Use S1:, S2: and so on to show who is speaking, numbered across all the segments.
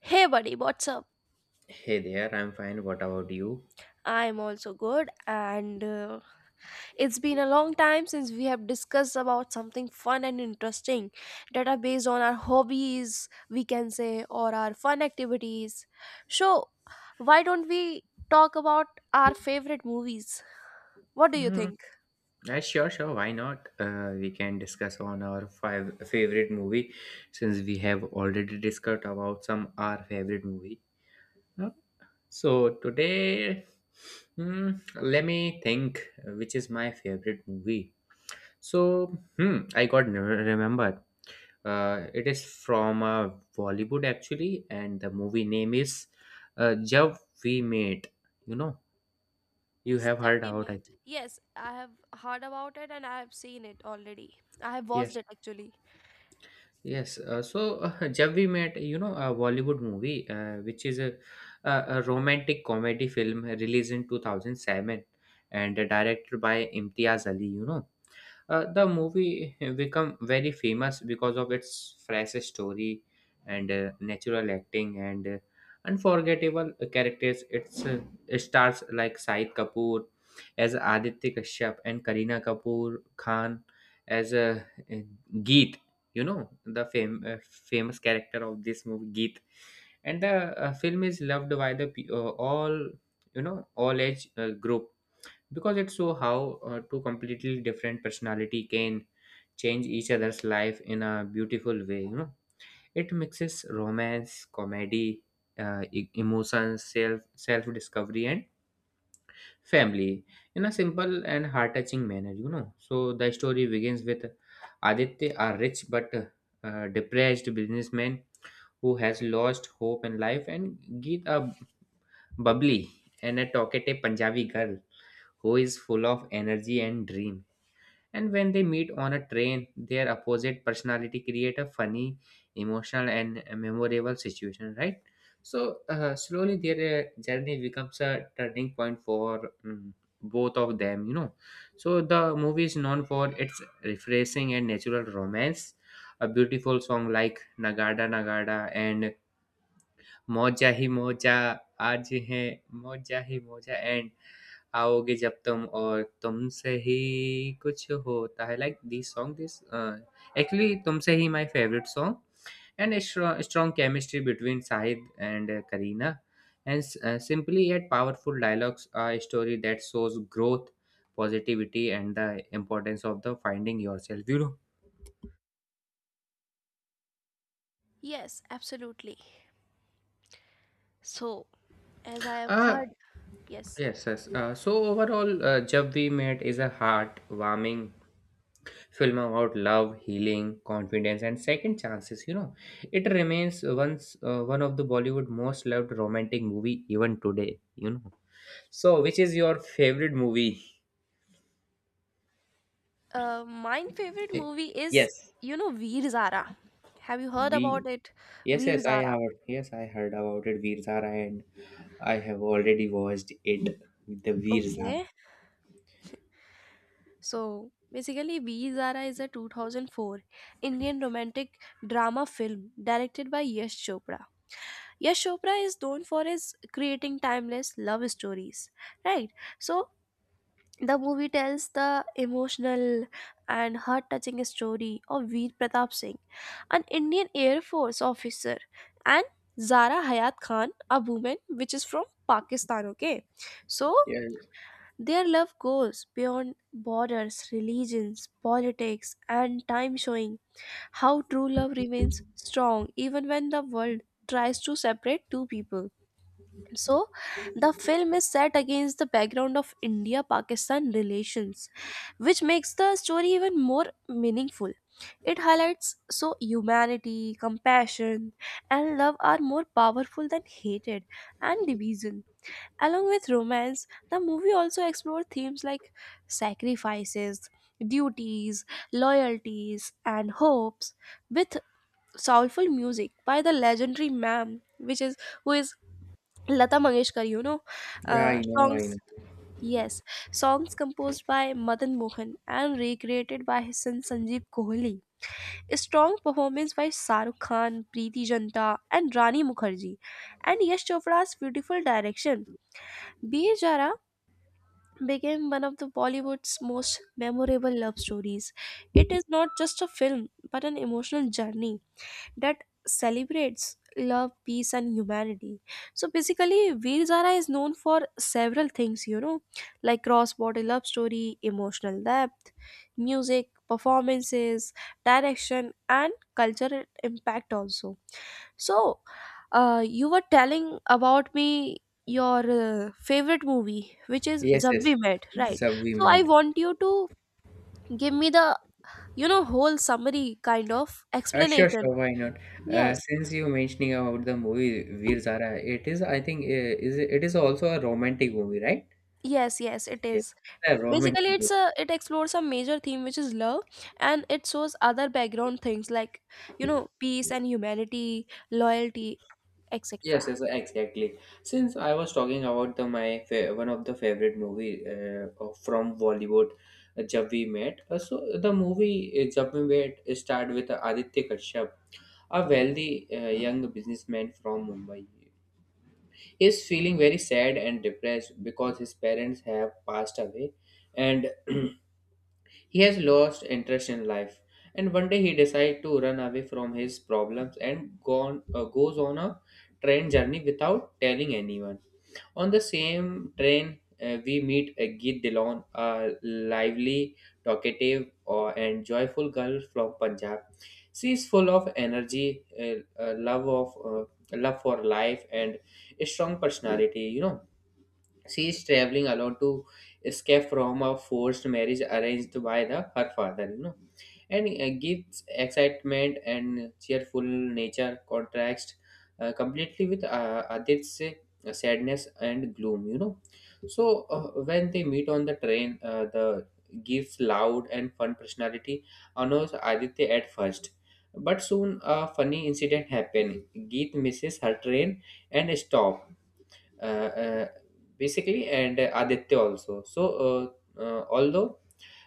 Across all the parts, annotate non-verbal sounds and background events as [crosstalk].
S1: Hey, buddy, what's up?
S2: Hey there, I'm fine. What about you?
S1: I'm also good, and it's been a long time since we have discussed about something fun and interesting that are based on our hobbies, we can say, or our fun activities. So, why don't we talk about our favorite movies? What do you
S2: Mm,
S1: think?
S2: sure, sure. Why not? We can discuss on our five favorite movie since we have already discussed about some our favorite movie. Uh, So today, hmm, let me think which is my favorite movie. So I remembered. It is from Bollywood actually, and the movie name is Jab We Met. You know, you
S1: Yes,
S2: have heard
S1: Chubby
S2: about
S1: Man.
S2: it.
S1: Yes, I have heard about it and I have seen it already. I have watched
S2: Yes.
S1: it actually.
S2: Yes, [laughs] जब we met, a Bollywood movie, which is a romantic comedy film released in 2007 and directed by Imtiaz Ali. The movie [laughs] become very famous because of its fresh story and natural acting and unforgettable characters. It stars like Said Kapoor as Aditya Kashyap and Kareena Kapoor Khan as uh, Geet. You know the famous character of this movie, Geet. And the film is loved by all, all age group, because it shows how two completely different personality can change each other's life in a beautiful way. It mixes romance, comedy, emotions, self discovery, and family, in a simple and heart touching manner. So the story begins with Aditya, a rich but depressed businessman who has lost hope in life, and Geet, a bubbly and a talkative Punjabi girl who is full of energy and dream. And when they meet on a train, their opposite personality create a funny, emotional, and memorable situation, right? So slowly their journey becomes a turning point for both of them, you know. So the movie is known for its refreshing and natural romance, a beautiful song like Nagada Nagada and Moja Hi Moja, Aaj Hai Moja Hi Moja, and आओगे जब तुम और तुमसे ही कुछ होता है like this song this actually तुमसे ही my favourite song, and a strong chemistry between Sahid and Kareena, and simply yet powerful dialogues, a story that shows growth, positivity, and the importance of the finding yourself.
S1: Yes, absolutely. So, as I have
S2: Uh,
S1: heard, yes.
S2: Yes, yes. So overall, Jab We Met is a heart-warming film about love, healing, confidence, and second chances. You know, it remains once one of the Bollywood most loved romantic movie even today. You know. So, which is your favorite movie?
S1: My favorite
S2: Eh,
S1: movie is,
S2: Yes,
S1: Veer Zara. Have you heard
S2: we.
S1: about it?
S2: Yes,
S1: Veer
S2: yes, I
S1: Zara.
S2: heard. Yes, I heard about it, Veer Zara, and I have already watched it. The Veer
S1: Okay.
S2: Zara.
S1: So basically, Veer Zara is a 2004 Indian romantic drama film directed by Yash Chopra. Yash Chopra is known for his creating timeless love stories, right? So the movie tells the emotional and heart touching story of Veer Pratap Singh, an Indian Air Force officer, and Zara Hayat Khan, a woman which is from Pakistan. Okay, so
S2: Yeah,
S1: their love goes beyond borders, religions, politics, and time, showing how true love remains strong even when the world tries to separate two people. So, the film is set against the background of India Pakistan relations, which makes the story even more meaningful. It highlights so humanity, compassion, and love are more powerful than hatred and division. Along with romance, the movie also explores themes like sacrifices, duties, loyalties, and hopes with soulful music by the legendary ma'am, which is who is Lata Mangeshkar,
S2: yeah, I know, I know.
S1: songs. Yes, songs composed by Madan Mohan and recreated by his son Sanjeev Kohli. A strong performance by Sarukh Khan, Preeti Janta, and Rani Mukherjee, and Yash Chopra's beautiful direction. B. Jara became one of the Bollywood's most memorable love stories. It is not just a film, but an emotional journey that celebrates love, peace, and humanity. So basically, Veer Zara is known for several things, you know, like cross-border love story, emotional depth, music, performances, direction, and cultural impact also. So, you were telling about me your favorite movie, which is
S2: Yes,
S1: Jab
S2: yes.
S1: We Met, right?
S2: Jab we
S1: So I
S2: met.
S1: want you to give me the you know whole summary kind of
S2: Sure,
S1: explanation.
S2: sure, why not?
S1: Yes.
S2: Since you mentioning about the movie Veer Zara, it is, I think, is it it is also a romantic movie, right?
S1: Yes, yes, it
S2: Yes,
S1: is.
S2: a
S1: Basically,
S2: romantic
S1: it's
S2: movie.
S1: a it explores a major theme which is love, and it shows other background things like you know peace and humanity, loyalty,
S2: Yes,
S1: etc.
S2: yes, exactly. Since I was talking about the my fa one of the favorite movie from Bollywood, Jab We Met. So the movie Jab We Met start with Aditya Kashyap, a wealthy young businessman from Mumbai. He is feeling very sad and depressed because his parents have passed away, and [clears throat] he has lost interest in life. And one day he decides to run away from his problems and goes on a train journey without telling anyone. On the same train, we meet Geet Dilon, a lively, talkative, and joyful girl from Punjab. She is full of energy, love for life, and a strong personality. You know, she is traveling alone to escape from a forced marriage arranged by the her father, and gives excitement and cheerful nature contrast completely with Adit's sadness and gloom, you know. So when they meet on the train, the gives loud and fun personality annoys Aditya at first. But soon a funny incident happens. Geet misses her train and stop uh, uh, basically, and Aditya also. So, although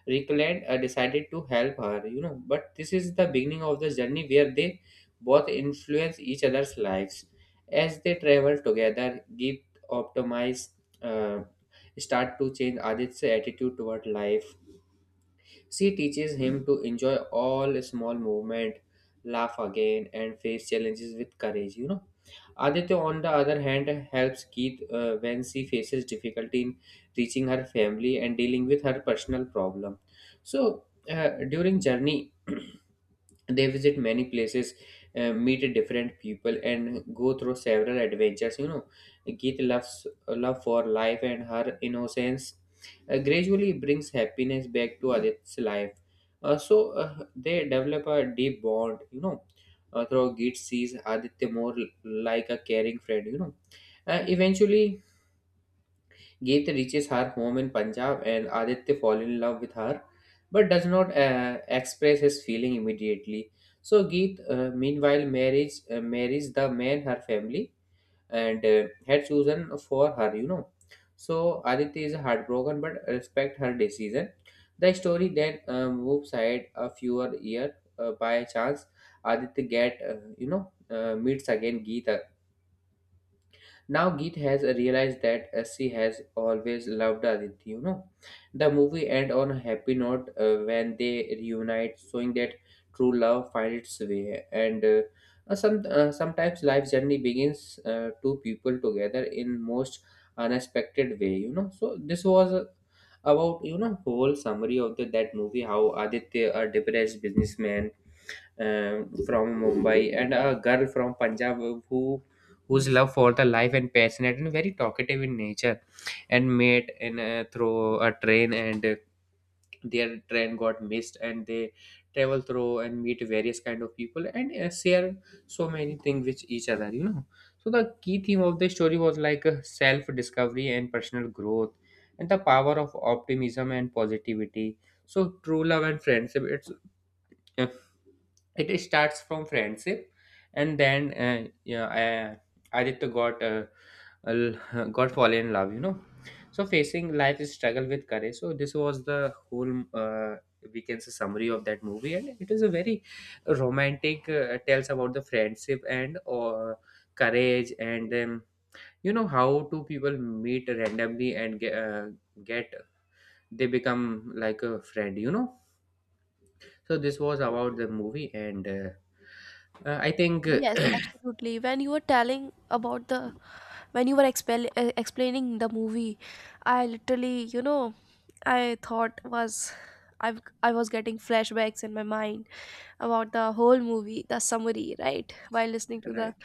S2: Recollect decided to help her, but this is the beginning of the journey where they both influence each other's lives as they travel together. Give optimize. Uh, Start to change Aditya's attitude toward life. She teaches him to enjoy all small movement, laugh again, and face challenges with courage. You know, Aditya, on the other hand, helps Keith when she faces difficulty in reaching her family and dealing with her personal problem. So during journey [clears throat] they visit many places, meet different people, and go through several adventures. Geet loves love for life, and her innocence gradually brings happiness back to Adit's life. Uh, so uh, they develop a deep bond, through Geet sees Aditya more like a caring friend. Eventually Geet reaches her home in Punjab and Aditya falls in love with her, but does not express his feeling immediately. So Geet meanwhile marries the man her family and had chosen for her, you know. So Aditya is heartbroken but respect her decision. The story then moves ahead a fewer year by chance. Aditya get you know meets again Geet, now Geet has realized that she has always loved Aditya, you know. The movie ends on a happy note when they reunite, showing that true love finds its way. And sometimes life journey begins two people together in most unexpected way, you know. So this was about whole summary of that movie, how Aditya, a depressed businessman, from Mumbai, and a girl from Punjab whose love for the life and passionate and very talkative in nature, and met in through a train, and their train got missed, and they travel through and meet various kind of people, and share so many things with each other. So the key theme of the story was like, self discovery and personal growth, and the power of optimism and positivity. So true love and friendship, it's yeah. It starts from friendship, and then Aditya l- got fallen in love, you know. So facing life is struggle with courage. So this was the whole, we can say, summary of that movie, and it is a very romantic, tells about the friendship and courage and, you know, how two people meet randomly and get, they become like a friend, you know. So this was about the movie, and I think,
S1: Yes,
S2: [coughs]
S1: absolutely. When you were telling about the when you were expel explaining the movie, I literally you know I thought was I I was getting flashbacks in my mind about the whole movie, the summary, right? While listening to
S2: [clears throat]
S1: the
S2: right.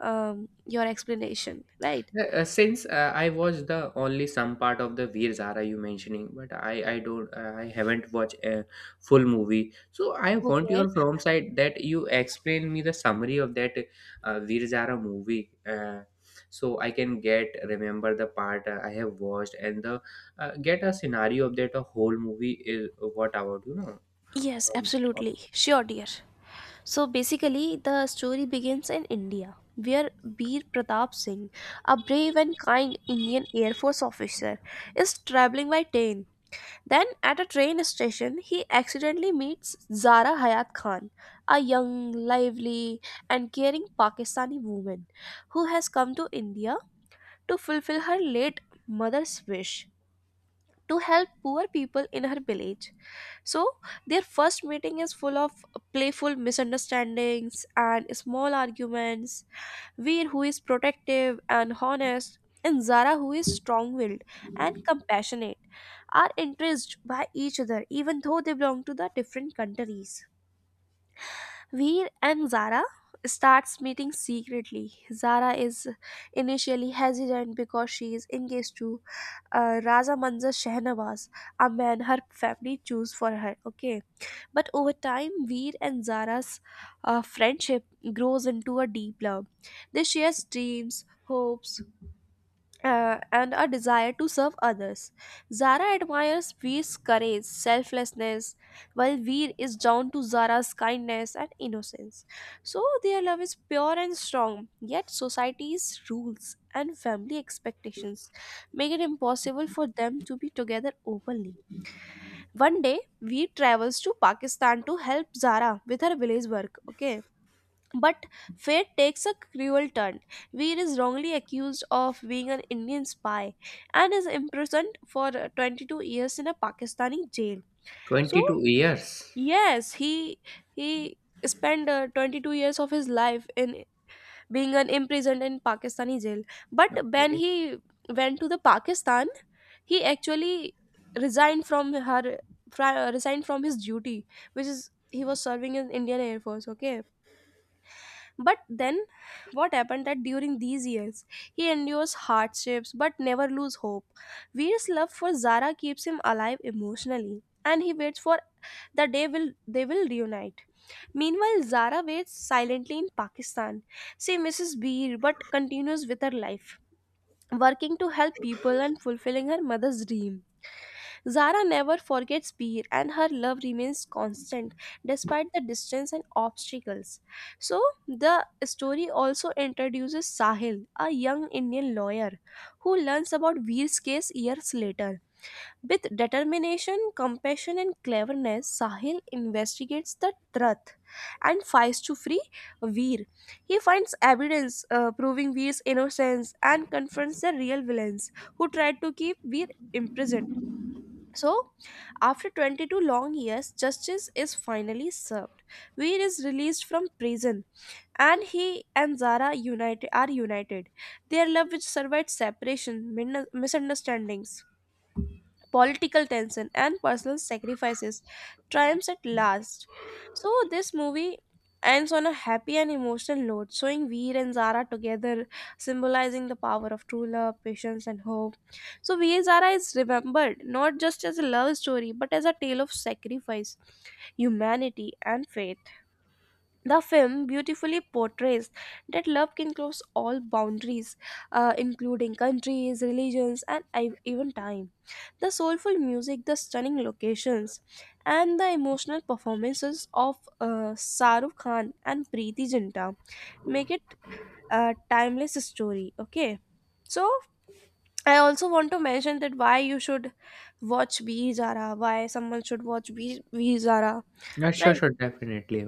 S1: your explanation, right?
S2: Since, I was the only some part of the Veer Zara you mentioning, but I don't I haven't watched a full movie. So I want
S1: Okay.
S2: your from side that you explain me the summary of that Veer Zara movie, uh, so I can get remember the part I have watched, and the get a scenario of that a whole movie is what about, you know.
S1: Yes,
S2: um,
S1: absolutely. Sure, dear. So basically, the story begins in India, where Bir Pratap Singh, a brave and kind Indian Air Force officer, is traveling by train. Then, at a train station, he accidentally meets Zara Hayat Khan, a young, lively, and caring Pakistani woman who has come to India to fulfill her late mother's wish to help poor people in her village. So, their first meeting is full of playful misunderstandings and small arguments. Veer, who is protective and honest, and Zara, who is strong willed and compassionate, are entranced by each other even though they belong to the different countries. Veer and Zara starts meeting secretly. Zara is initially hesitant because she is engaged to Raza Manzar Shahnawaz, a man her family choose for her. Okay, but over time, Veer and Zara's friendship grows into a deep love. They share dreams, hopes, and a desire to serve others. Zara admires Veer's courage, selflessness, while Veer is drawn to Zara's kindness and innocence. So their love is pure and strong, yet society's rules and family expectations make it impossible for them to be together openly. One day, Veer travels to Pakistan to help Zara with her village work. Okay. But fate takes a cruel turn. Veer is wrongly accused of being an Indian spy and is imprisoned for 22 years in a Pakistani jail. So,
S2: 22 years.
S1: yes, he spent 22 years of his life in being an imprisoned in Pakistani jail. But when
S2: Okay.
S1: he went to the Pakistan, he actually resigned from her resigned from his duty which is he was serving in Indian Air Force. Okay, but then what happened that during these years he endures hardships but never lose hope. Veer's love for Zara keeps him alive emotionally and he waits for the day will they will reunite. Meanwhile Zara waits silently in Pakistan. She misses Veer but continues with her life, working to help people and fulfilling her mother's dream. Zara never forgets Beer and her love remains constant despite the distance and obstacles. So, the story also introduces Sahil, a young Indian lawyer who learns about Beer's case years later. With determination, compassion, and cleverness, Sahil investigates the truth and fights to free Veer. He finds evidence proving Veer's innocence and confronts the real villains who tried to keep Veer imprisoned. So, after 22 long years, justice is finally served. Veer is released from prison, and he and Zara united, are united. Their love, which survived separation, misunderstandings, political tension, and personal sacrifices triumphs at last. So, this movie ends on a happy and emotional note, showing Veer and Zara together, symbolizing the power of true love, patience, and hope. So, Veer and Zara is remembered not just as a love story but as a tale of sacrifice, humanity, and faith. The film beautifully portrays that love can cross all boundaries, including countries, religions, and even time. The soulful music, the stunning locations, and the emotional performances of Saruk Khan and Preeti Zinta make it a timeless story. Okay, so I also want to mention that why you should watch Veer Zara, why someone should watch Veer Zara,
S2: Yeah, sure,
S1: right?
S2: sure, definitely.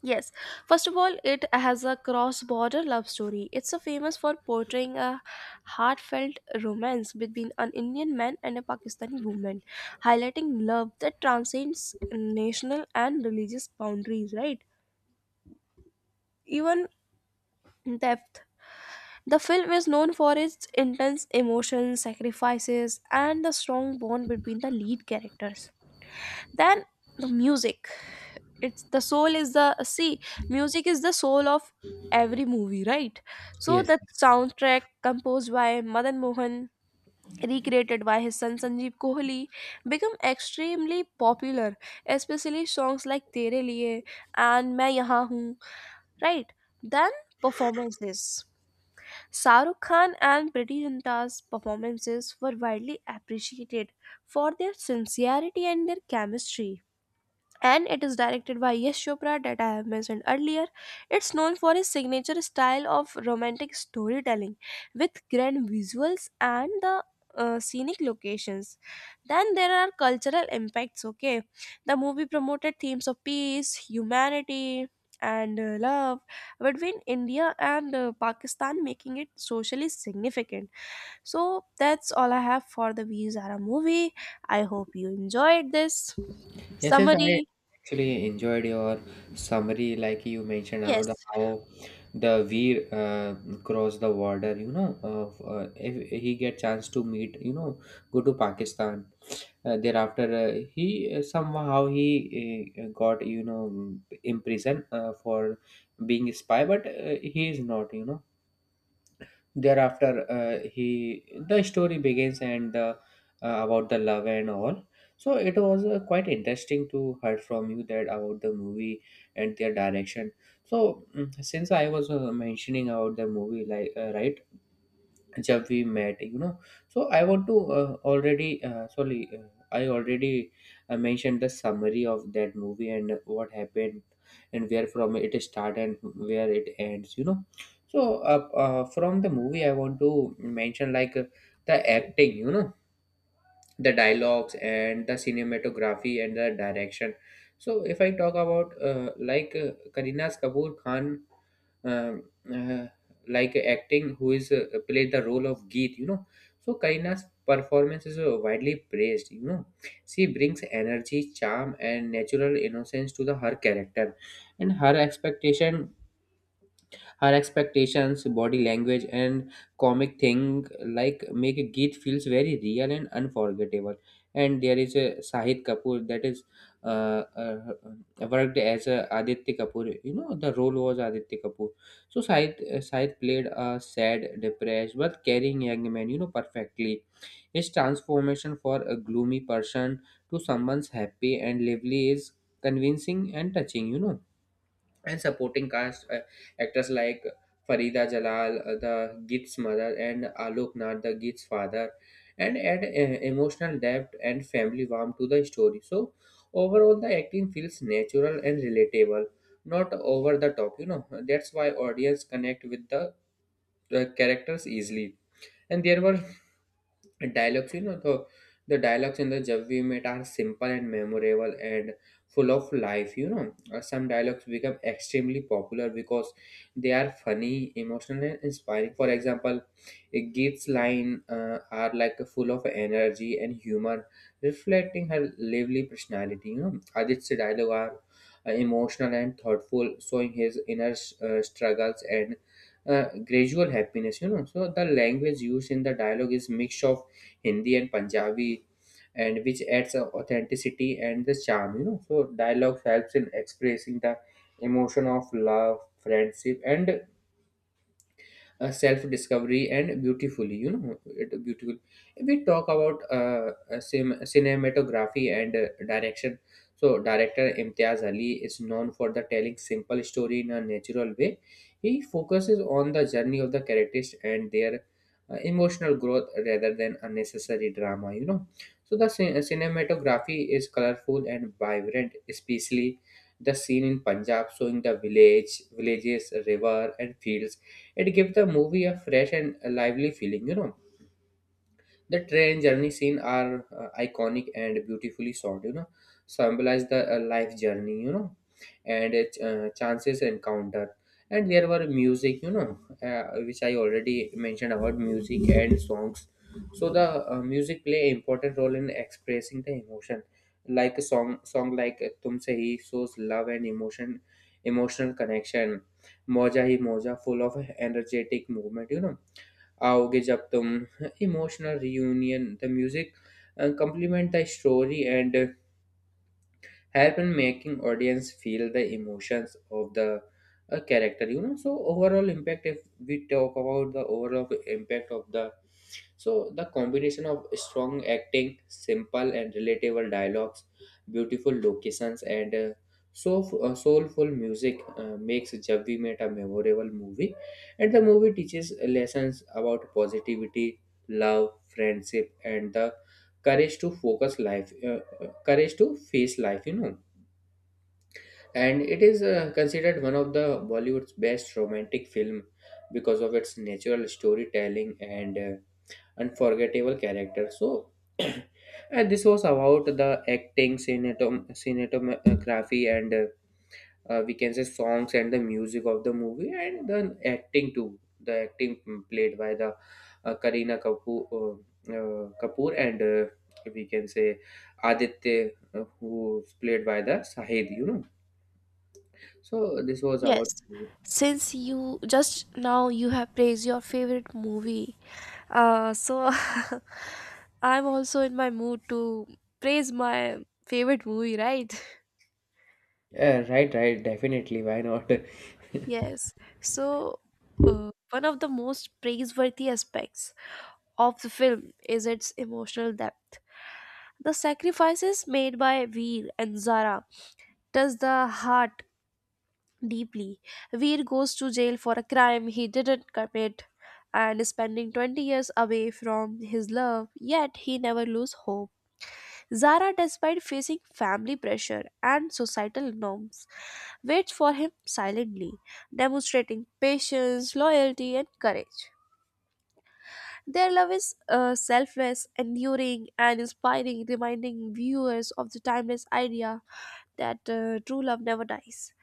S1: Yes, first of all, it has a cross border love story. It's a famous for portraying a heartfelt romance between an Indian man and a Pakistani woman, highlighting love that transcends national and religious boundaries, right? Even depth. The film is known for its intense emotions, sacrifices, and the strong bond between the lead characters. Then the music. It's the soul is the see Music is the soul of every movie, right? So
S2: Yes,
S1: that
S2: yes.
S1: soundtrack composed by Madan Mohan recreated by his son Sanjeev Kohli become extremely popular, especially songs like Tere Liye and Main Yahan Hoon, right? Then performances. Sarukh Khan and Pretty Zinta's performances were widely appreciated for their sincerity and their chemistry, and it is directed by Yash Chopra that I have mentioned earlier. It's known for his signature style of romantic storytelling with grand visuals and the scenic locations. Then there are cultural impacts. Okay, the movie promoted themes of peace, humanity, and love between India and Pakistan, making it socially significant. So that's all I have for the Veer Zara movie. I hope you enjoyed this
S2: Yes, yes, I
S1: summary.
S2: actually enjoyed your summary, like you mentioned out
S1: Yes,
S2: how the Veer crossed the border. You know, if he get chance to meet, go to Pakistan. Thereafter, he somehow he got, you know, imprisoned for being a spy, but he is not. You know, thereafter he the story begins, and about the love and all. So it was quite interesting to hear from you that about the movie and their direction. So since I was mentioning about the movie like, right, जब we met, you know. So I want to already sorry I already mentioned the summary of that movie, and what happened, and where from it start and where it ends, you know. So from the movie I want to mention, like, the acting, you know, the dialogues and the cinematography and the direction. So if I talk about, Karina Kapoor Khan, um, uh, like acting, who is, played the role of Geet, you know. So Karina's performance is, widely praised, you know. She brings energy, charm, and natural innocence to the her character, and her expectations, body language, and comic thing like make a Geet feels very real and unforgettable. And there is a Sahid Kapoor that is, uh, uh, worked as a Aditya Kapoor. You know the role was Aditya Kapoor. So Sahid played a sad, depressed but caring young man. You know, perfectly his transformation for a gloomy person to someone's happy and lively is convincing and touching. You know, and supporting cast actors like Farida Jalal, the Git's mother, and Alok Nath, the Git's father, and add emotional depth and family warmth to the story. So overall, the acting feels natural and relatable, not over the top. You know that's why audience connect with the characters easily. And there were dialogues, you know, the dialogues in the Jab We Met are simple and memorable and full of life, you know. Some dialogues become extremely popular because they are funny, emotional and inspiring, for example Git's line are like full of energy and humor, reflecting her lively personality, you know. Adit's dialogue are emotional and thoughtful, showing his inner struggles and gradual happiness, you know. So the language used in the dialogue is mix of Hindi and Punjabi, and which adds a authenticity and the charm. You know, so dialogue helps in expressing the emotion of love, friendship, and self discovery and beautifully, you know, it beautiful if we talk about cinematography and direction. So director Imtiaz Ali is known for the telling simple story in a natural way. He focuses on the journey of the characters and their emotional growth rather than unnecessary drama, you know. So the cinematography is colorful and vibrant, especially the scene in Punjab showing the villages, river and fields. It gives the movie a fresh and lively feeling, you know. The train journey scene are iconic and beautifully shot. You know, symbolize the life journey. You know, and chances encounter. And there were music. You know, which I already mentioned about music and songs. So the music play important role in expressing the emotion. Like a song like "Tumse Hi" shows love and emotion, emotional connection. Moja Hi Moja, full of energetic movement. You know आओगे जब तुम emotional reunion the music complement the story and help in making audience feel the emotions of the character, you know. So overall impact, if we talk about the overall impact of the so the combination of strong acting, simple and relatable dialogues, beautiful locations, and soulful music makes Jab We Met a memorable movie. And the movie teaches lessons about positivity, love, friendship, and the courage to focus life. Courage to face life, you know, and it is considered one of the Bollywood's best romantic film because of its natural storytelling and unforgettable character. So [clears throat] and this was about the acting, cinematography and we can say songs and the music of the movie and the acting too, the acting played by the Kareena Kapoor Kapoor and we can say Aditya, who's played by the Sahid, you know. So this was our
S1: yes.
S2: uh,
S1: Since you just now you have praised your favorite movie, so [laughs] I'm also in my mood to praise my favorite movie, right?
S2: Right, right, definitely, why not. [laughs]
S1: Yes. So, one of the most praiseworthy aspects of the film is its emotional depth. The sacrifices made by Veer and Zara touch the heart deeply. Veer goes to jail for a crime he didn't commit and is spending 20 years away from his love, yet he never loses hope. Zara, despite facing family pressure and societal norms, waits for him silently, demonstrating patience, loyalty, and courage. Their love is selfless, enduring, and inspiring, reminding viewers of the timeless idea that true love never dies.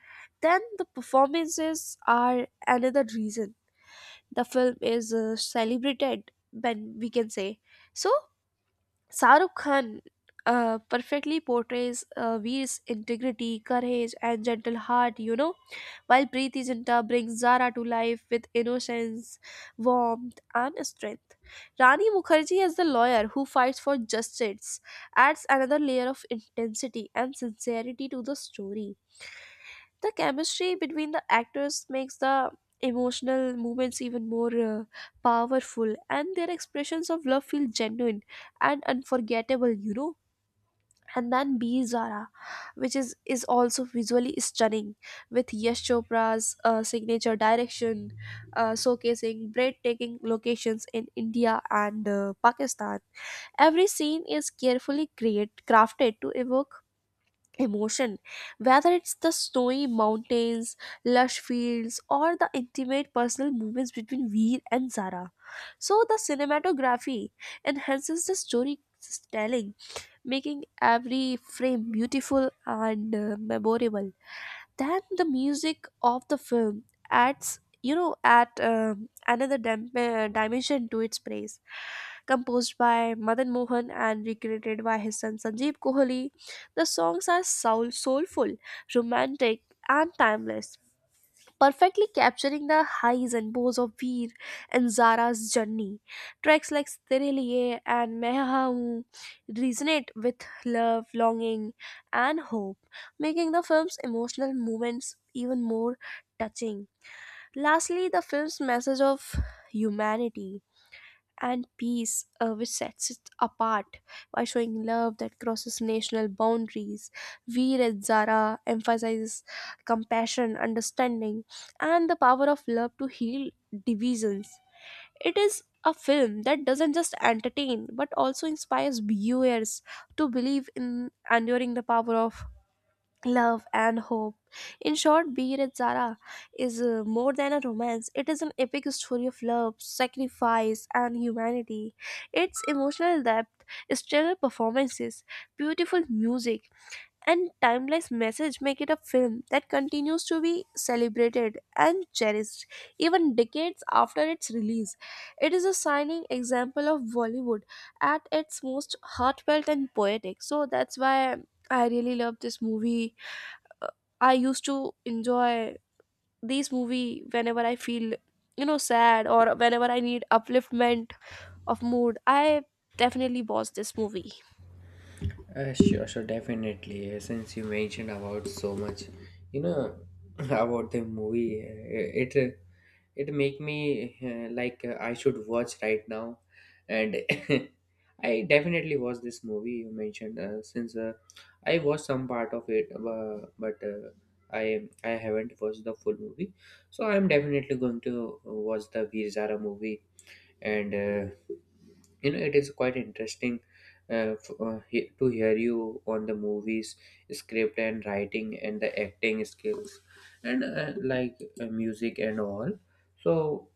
S1: Then the performances are another reason the film is celebrated, when we can say. So, Sarukh Khan perfectly portrays Veer's integrity, courage, and gentle heart, you know, while Preeti Zinta brings Zara to life with innocence, warmth, and strength. Rani Mukherjee, as the lawyer who fights for justice, adds another layer of intensity and sincerity to the story. The chemistry between the actors makes the emotional moments even more powerful, and their expressions of love feel genuine and unforgettable, you know. And then B Zara, is also visually stunning, with Yash Chopra's signature direction, showcasing breathtaking locations in India and Pakistan. Every scene is carefully crafted to evoke emotion, whether it's the snowy mountains, lush fields, or the intimate personal moments between Veer and Zara. So the cinematography enhances the storytelling, making every frame beautiful and memorable. Then the music of the film adds, you know, at another dimension to its praise. Composed by Madan Mohan and recreated by his son Sanjeev Kohli, the songs are soulful, romantic, and timeless, perfectly capturing the highs and lows of Veer and Zara's journey. Tracks like Tere Liye and Main Haan Hoon resonate with love, longing, and hope, making the film's emotional moments even more touching. Lastly, the film's message of humanity and peace, which sets it apart by showing love that crosses national boundaries. We at Zara emphasizes compassion, understanding, and the power of love to heal divisions. It is a film that doesn't just entertain but also inspires viewers to believe in enduring the power of love and hope. In short, Beer at Zara is more than a romance, it is an epic story of love, sacrifice, and humanity. Its emotional depth, stellar performances, beautiful music, and timeless message make it a film that continues to be celebrated and cherished even decades after its release. It is a shining example of Bollywood at its most heartfelt and poetic. So that's why I really love this movie. I used to enjoy these movie whenever I feel, you know, sad or whenever I need upliftment of mood. I definitely watch this movie.
S2: Sure, sure, definitely. Since you mentioned about so much, you know, [laughs] about the movie, it make me like I should watch right now, and [laughs] I definitely watched this movie you mentioned, since I watched some part of it, but I haven't watched the full movie, so I'm definitely going to watch the Veer Zara movie. And you know, it is quite interesting to hear you on the movies script and writing and the acting skills and like music and all. So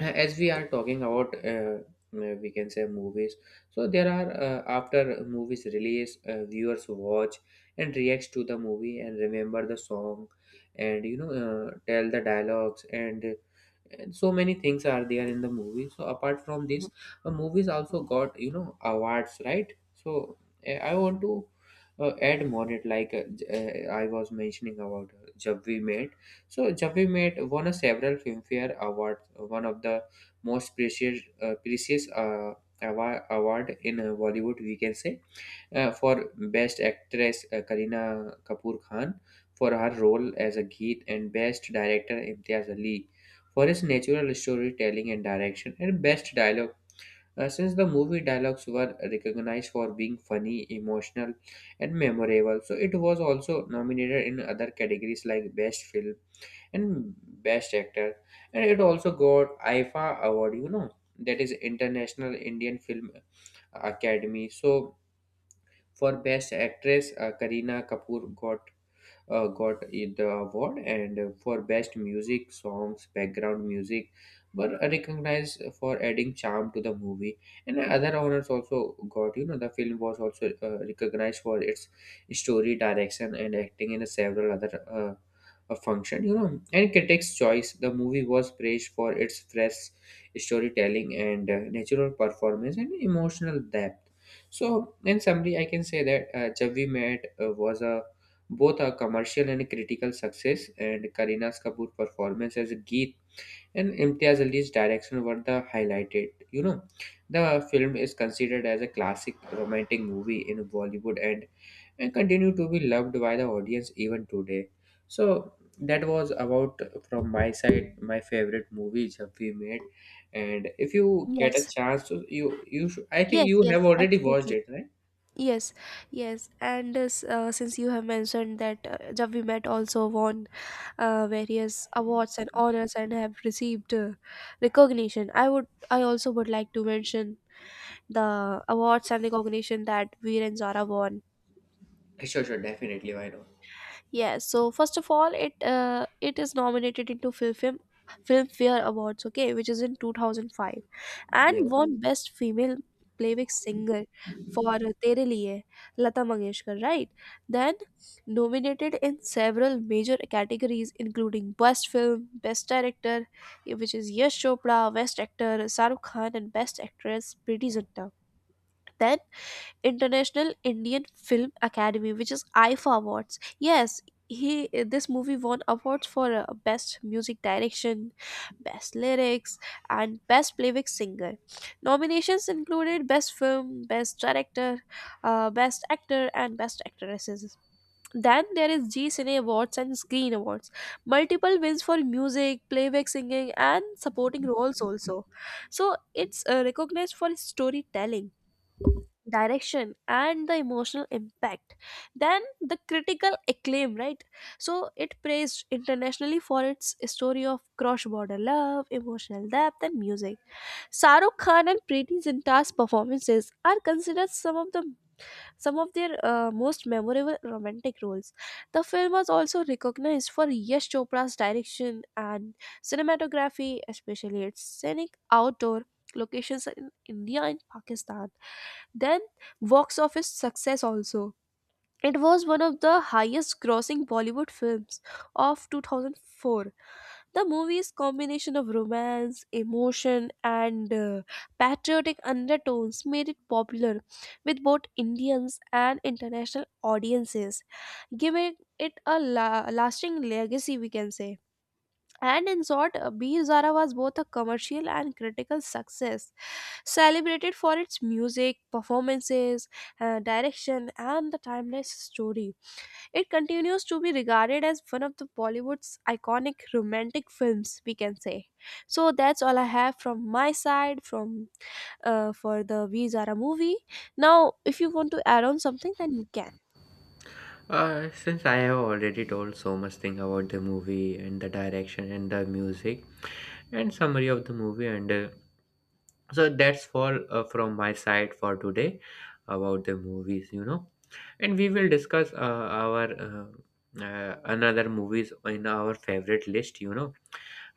S2: as we are talking about we can say movies, so there are after movies release, viewers watch and reacts to the movie and remember the song and, you know, tell the dialogues and so many things are there in the movie. So apart from this, the movies also got, you know, awards, right? So I want to add more it like I was mentioning about Jab We Met. So Jab We Met won a several Filmfare Awards, one of the most precious award in Bollywood, we can say, for Best Actress, Kareena Kapoor Khan for her role as a Geet, and Best Director Imtiaz Ali for his natural storytelling and direction, and Best Dialogue. Since the movie dialogues were recognized for being funny, emotional, and memorable, so it was also nominated in other categories like Best Film and Best Actor, and it also got IFA Award, you know, that is International Indian Film Academy. So for Best Actress, Kareena Kapoor got the award, and for best music, songs, background music were recognized for adding charm to the movie. And other honors also got, you know, the film was also recognized for its story, direction, and acting in several other a function, you know. And critics' choice, the movie was praised for its fresh storytelling and natural performance and emotional depth. So, in summary, I can say that Jab We Met was a both are commercial and critical success, and Kareena Kapoor's performance as Geet and Imtiaz Ali's direction were the highlighted. You know, the film is considered as a classic romantic movie in Bollywood and continue to be loved by the audience even today. So that was about from my side my favorite movies have we made, and if you get a
S1: Yes,
S2: chance to you should. I think
S1: yes,
S2: you have
S1: yes,
S2: already watched
S1: absolutely.
S2: it, right?
S1: Yes, yes, and since you have mentioned that Jab We Met also won various awards and honors and have received recognition, I also would like to mention the awards and recognition that Veer and Zara won.
S2: Sure, sure, definitely, why not.
S1: Yes, so first of all, it is nominated into Filmfare Awards, okay, which is in 2005, and
S2: Yes.
S1: won Mm. Best Female Playback Singer for Tere Liye, Lata Mangeshkar, right? Then nominated in several major categories, including Best Film, Best Director, which is Yash Chopra, Best Actor, Saruk Khan, and Best Actress, Preeti Zinta. Then International Indian Film Academy, which is IFA Awards. Yes, he this movie won awards for best music direction, best lyrics, and best playback singer. Nominations included best film, best director, best actor, and best actresses. Then there is G Cine Awards and Screen Awards. Multiple wins for music, playback singing, and supporting roles also. So it's recognized for its storytelling, direction, and the emotional impact, than the critical acclaim, right? So it praised internationally for its story of cross-border love, emotional depth, and music. Saruk Khan and Preeti Zinta's performances are considered some of their most memorable romantic roles. The film was also recognized for Yash Chopra's direction and cinematography, especially its scenic outdoor locations in India and Pakistan. Then, box office success also. It was one of the highest grossing Bollywood films of 2004. The movie's combination of romance, emotion, and patriotic undertones made it popular with both Indians and international audiences, giving it a lasting legacy, we can say. And in short, Bir Zara was both a commercial and critical success, celebrated for its music, performances, direction, and the timeless story. It continues to be regarded as one of the Bollywood's iconic romantic films, we can say. So that's all I have from my side from for the We Zara movie. Now, if you want to add on something, then you can.
S2: Since I have already told so much thing about the movie and the direction and the music and summary of the movie and so that's all from my side for today about the movies, you know, and we will discuss our another movies in our favorite list, you know.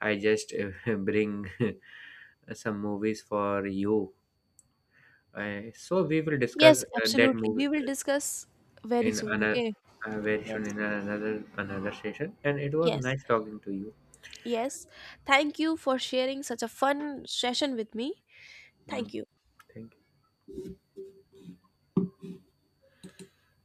S2: I just [laughs] bring [laughs] some movies for you, so we will discuss
S1: Yes,
S2: that
S1: absolutely.
S2: movie
S1: We will discuss very
S2: in
S1: soon.
S2: another,
S1: Okay.
S2: very
S1: Yes.
S2: soon, in another session. And it was
S1: Yes.
S2: nice talking to you.
S1: Yes. Thank you for sharing such a fun session with me. Thank
S2: Mm,
S1: you.
S2: thank you.